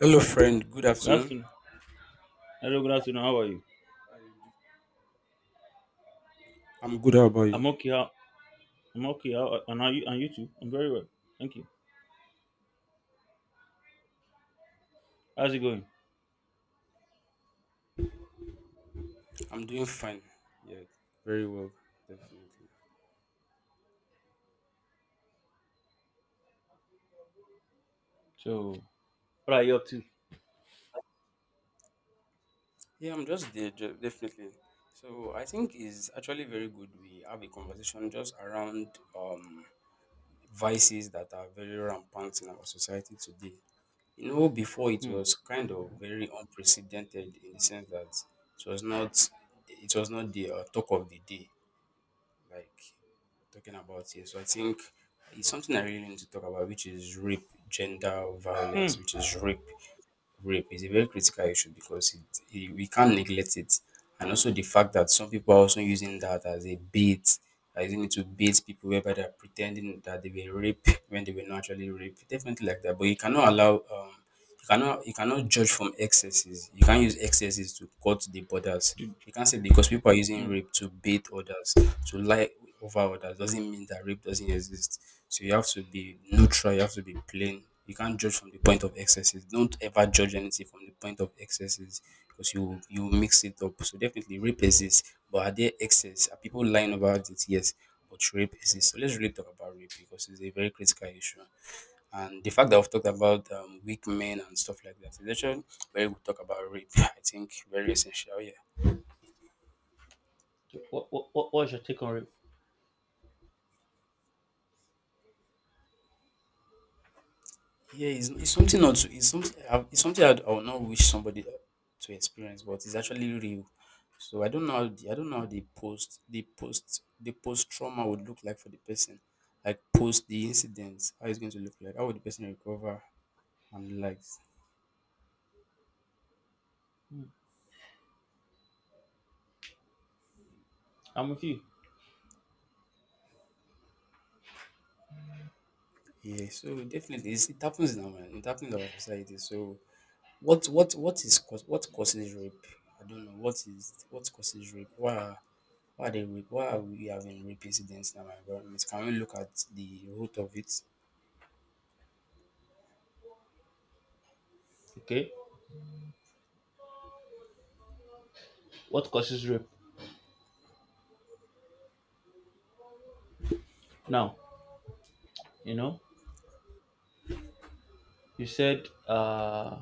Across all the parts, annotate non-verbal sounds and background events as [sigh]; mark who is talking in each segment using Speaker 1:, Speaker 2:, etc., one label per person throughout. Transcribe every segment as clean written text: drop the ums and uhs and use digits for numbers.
Speaker 1: Hello, friend. Good
Speaker 2: Good
Speaker 1: afternoon.
Speaker 2: afternoon. Hello, good afternoon. How are you?
Speaker 1: How are you do- I'm good. How about you?
Speaker 2: I'm okay. How, I'm okay. How, and are you? And you too? I'm very well. Thank you. How's it going?
Speaker 1: I'm doing fine. Yeah, very well, definitely.
Speaker 2: So, what are you up to?
Speaker 1: Yeah, I'm just there, ju- definitely. So I think it's actually very good we have a conversation just around um, vices that are very rampant in our society today. You know, before it
Speaker 2: Hmm.
Speaker 1: was kind of very unprecedented in the sense that it was not it was not the talk of the day. Like talking about here. So I think it's something I really need to talk about, which is rape, gender
Speaker 2: Hmm.
Speaker 1: violence, which is rape. Rape is a very critical issue because we can't neglect it, and also the fact that some people are also using that as a bait, are using it to bait people whereby they're pretending that they were raped when they were not actually raped, definitely like that. But you cannot allow you cannot judge from excesses. You can't use excesses to cut the borders.
Speaker 2: Did-
Speaker 1: You can't say because people are using
Speaker 2: hmm.
Speaker 1: rape to bait others, to lie over others, doesn't mean that rape doesn't exist. So you have to be neutral, you have to be plain. You can't judge from the point of excesses. Don't ever judge anything from the point of excesses because you mix it up. So definitely rape exists, but are there excess? Are people lying about it? Yes, but rape exists. So let's really talk about rape because it's a very critical issue. And the fact that we've talked about weak men and stuff like that is actually where we talk about rape. [laughs] I think very essential. Yeah,
Speaker 2: So what's your take on rape?
Speaker 1: yeah. It's something not. To- It's something. I- It's something I'd- I would not wish somebody to experience, but it's actually real. So I don't know how the post trauma would look like for the person. Like post the incident, how it's going to look like. How would the person recover and the likes?
Speaker 2: Hmm. I'm with you.
Speaker 1: Yeah. So definitely, it happens in our society. So what is cause what causes rape? I don't know what causes rape? Why are they rape? Why are we having rape incidents in our environment? Can we look at the root of it?
Speaker 2: Okay. What causes rape? Now, you know, you said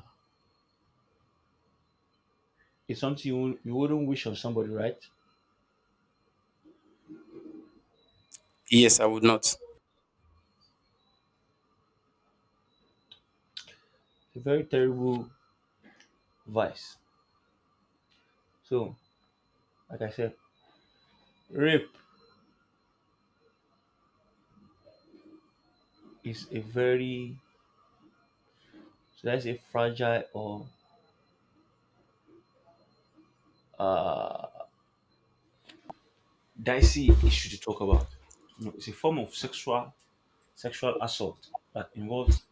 Speaker 2: it's something you wouldn't wish on somebody, right?
Speaker 1: Yes, I would not.
Speaker 2: It's a very terrible vice. So, like I said, rape is a very, so that's a fragile or uh, dicey issue to talk about. You know, it's a form of sexual assault that involves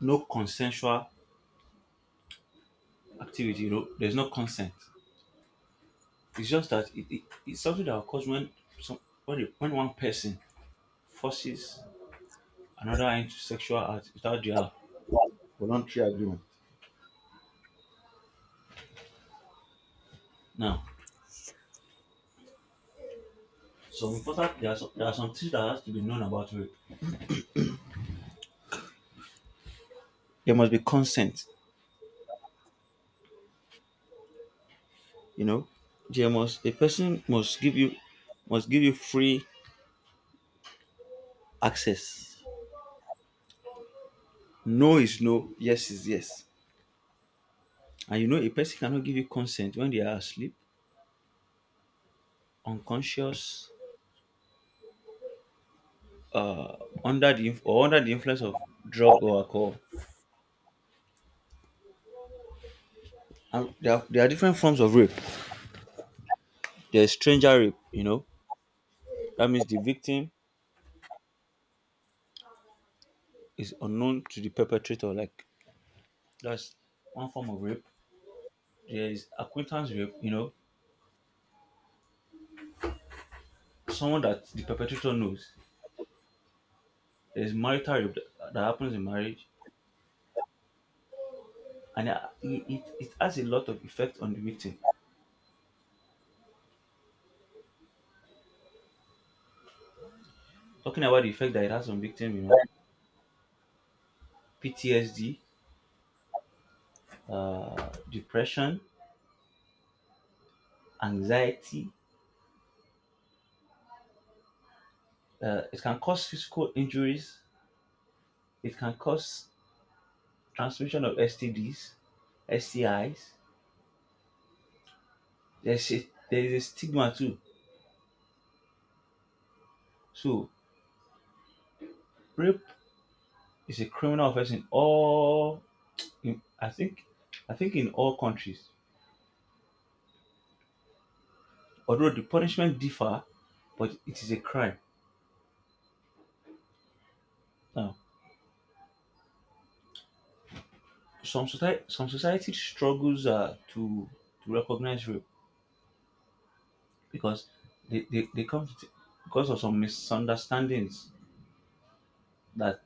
Speaker 2: no consensual activity. You know, there's no consent. It's just that it's something that occurs when some when one person forces another into sexual act without their voluntary agreement. Now, some important there are some things that has to be known about rape. There must be consent. You know, there must a person must give you free access. No is no, yes is yes. And you know, a person cannot give you consent when they are asleep, unconscious, uh, under the influence of drug or alcohol. And there are different forms of rape. There is stranger rape. You know, that means the victim is unknown to the perpetrator. Like that's one form of rape. There is acquaintance rape. You know, someone that the perpetrator knows. There is marital rape that, happens in marriage, and it has a lot of effect on the victim. Talking about the effect that it has on victim, you know, PTSD, depression, anxiety. It can cause physical injuries. It can cause transmission of STDs, STIs. There is a stigma too. So rape is a criminal offense in all. In, I think, I think in all countries. Although the punishment differ, but it is a crime. Now, some society struggles to recognize rape because they because of some misunderstandings that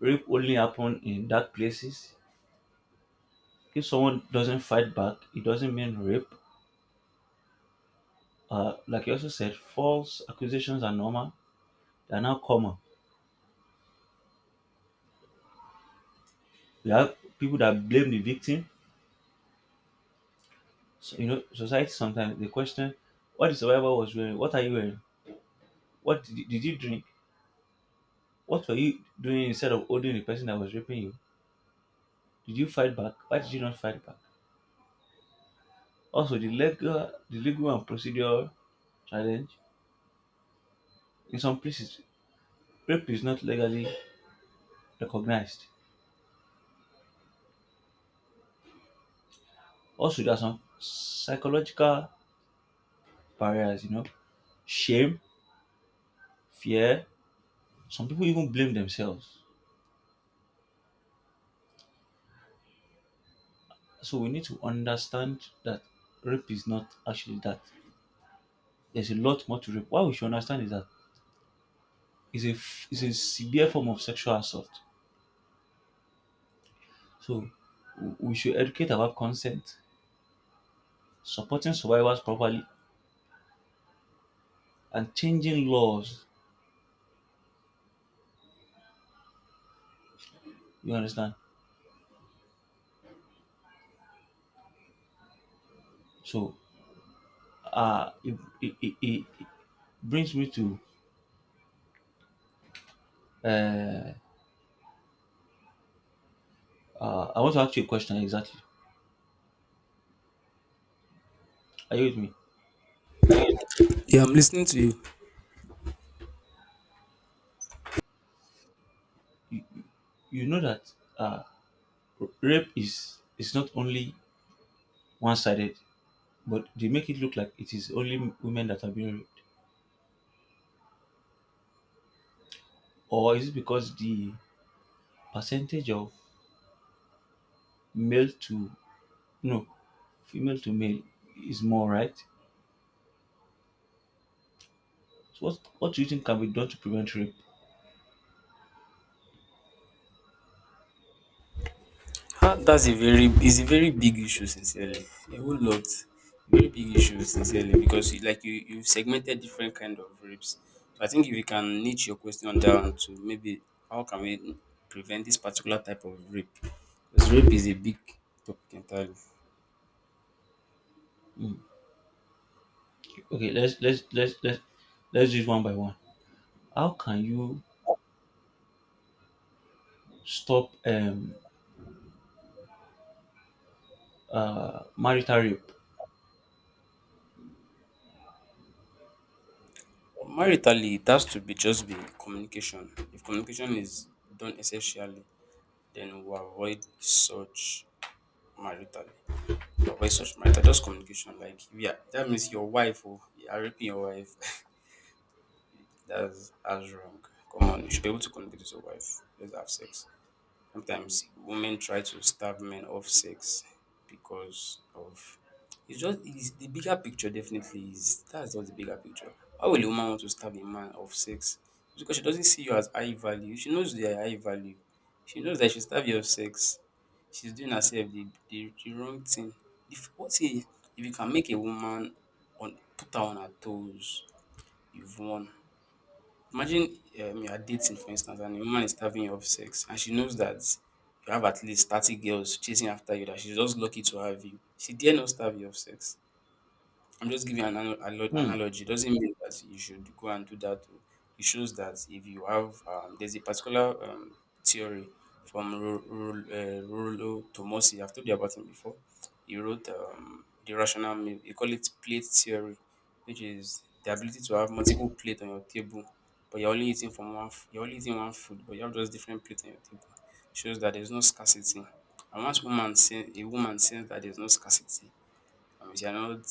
Speaker 2: rape only happen in dark places. If someone doesn't fight back, it doesn't mean rape. Like you also said, false accusations are normal. They are now common. We have people that blame the victim. So, you know, society sometimes they question, what the survivor was wearing? What are you wearing? What did you drink? What were you doing instead of holding the person that was raping you? Did you fight back? Why did you not fight back? Also, the legal and procedural challenge. In some places, rape is not legally recognized. Also, there are some psychological barriers, you know, shame, fear. Some people even blame themselves. So we need to understand that rape is not actually that. There's a lot more to rape. What we should understand is that it's a severe form of sexual assault. So we should educate about consent, supporting survivors properly, and changing laws. You understand? So uh, it, it, it, it, brings me to uh, I want to ask you a question exactly. Are you with me?
Speaker 1: Yeah, I'm listening to you.
Speaker 2: You, you know that uh, rape is not only one sided, but they make it look like it is only women that are being raped, or is it because the percentage of male to no female to male is more, right? So what do you think can be done to prevent rape?
Speaker 1: Ah, that's a very it's a very big issue sincerely. A whole lot. Very big issue sincerely because you've segmented different kind of rapes. So I think if you can niche your question down to maybe how can we prevent this particular type of rape? Because rape is a big topic entirely.
Speaker 2: Mm, okay, let's do it one by one. How can you stop marital rape?
Speaker 1: Well, maritally, it has to be communication. If communication is done essentially, then we avoid such marital. We avoid such marital. Just communication. Like yeah, that means your wife oh, you are raping your wife. [laughs] That's wrong. Come on, you should be able to communicate with your wife. Let's have sex. Sometimes women try to starve men of sex because of it's the bigger picture definitely is that's just the bigger picture. Why will a woman want to starve a man of sex? It's because she doesn't see you as high value. She knows you are high value. She knows that she starve you of sex. She's doing herself the wrong thing. If what if you can make a woman on put her on her toes, you've won. Imagine you are dating for instance and a woman is starving you of sex and she knows that you have at least 30 girls chasing after you that she's just lucky to have you. She dare not starve you of sex. I'm just giving an
Speaker 2: Hmm.
Speaker 1: analogy. It doesn't mean that you should go and do that. Oh. It shows that if you have, there's a particular theory from Rulo Tomosi. I've told you about him before. He wrote the rational, meal. He call it plate theory, which is the ability to have multiple plates on your table, but you're only eating from one. You're only eating one food, but you have just different plates on your table. Shows that there's no scarcity. And once a woman sense that there's no scarcity, if you're not,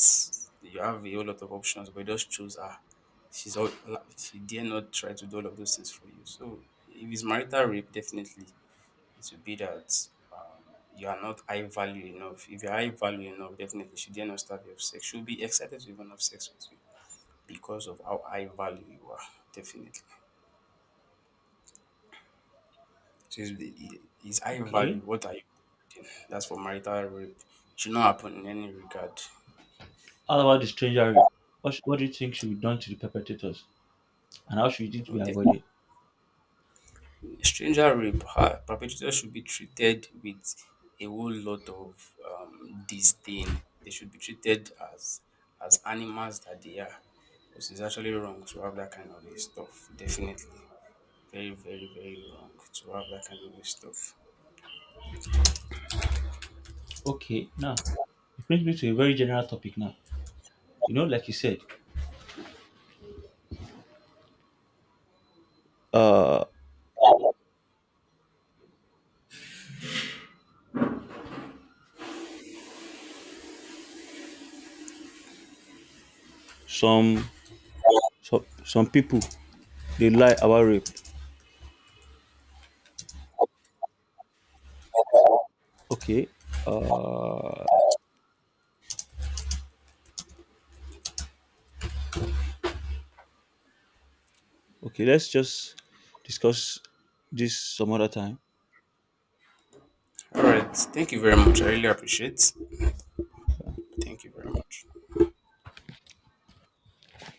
Speaker 1: you have a whole lot of options, but you just choose her. She's all like, she dare not try to do all of those things for you. So if it's marital rape, definitely it will be that um, you are not high value enough. If you're high value enough, definitely she dare not starve you of sex. She'll be excited to even have sex with you because of how high value you are. Definitely. So it's high value.
Speaker 2: Okay.
Speaker 1: What are you? That's for marital rape. It should not happen in any regard.
Speaker 2: How about the stranger rape? What do you think should be done to the perpetrators, and how should it be
Speaker 1: No,
Speaker 2: avoided?
Speaker 1: definitely stranger rape perpetrators should be treated with a whole lot of disdain. They should be treated as animals that they are because it's actually wrong to have that kind of a stuff definitely. Very, very, very wrong to have that kind of a stuff.
Speaker 2: Okay. Now, it brings me to a very general topic. Now, you know, like you said, uh, some some people they lie about rape. Okay. Uh, okay. Let's just discuss this some other time.
Speaker 1: All right. Thank you very much. I really appreciate. Thank you very much.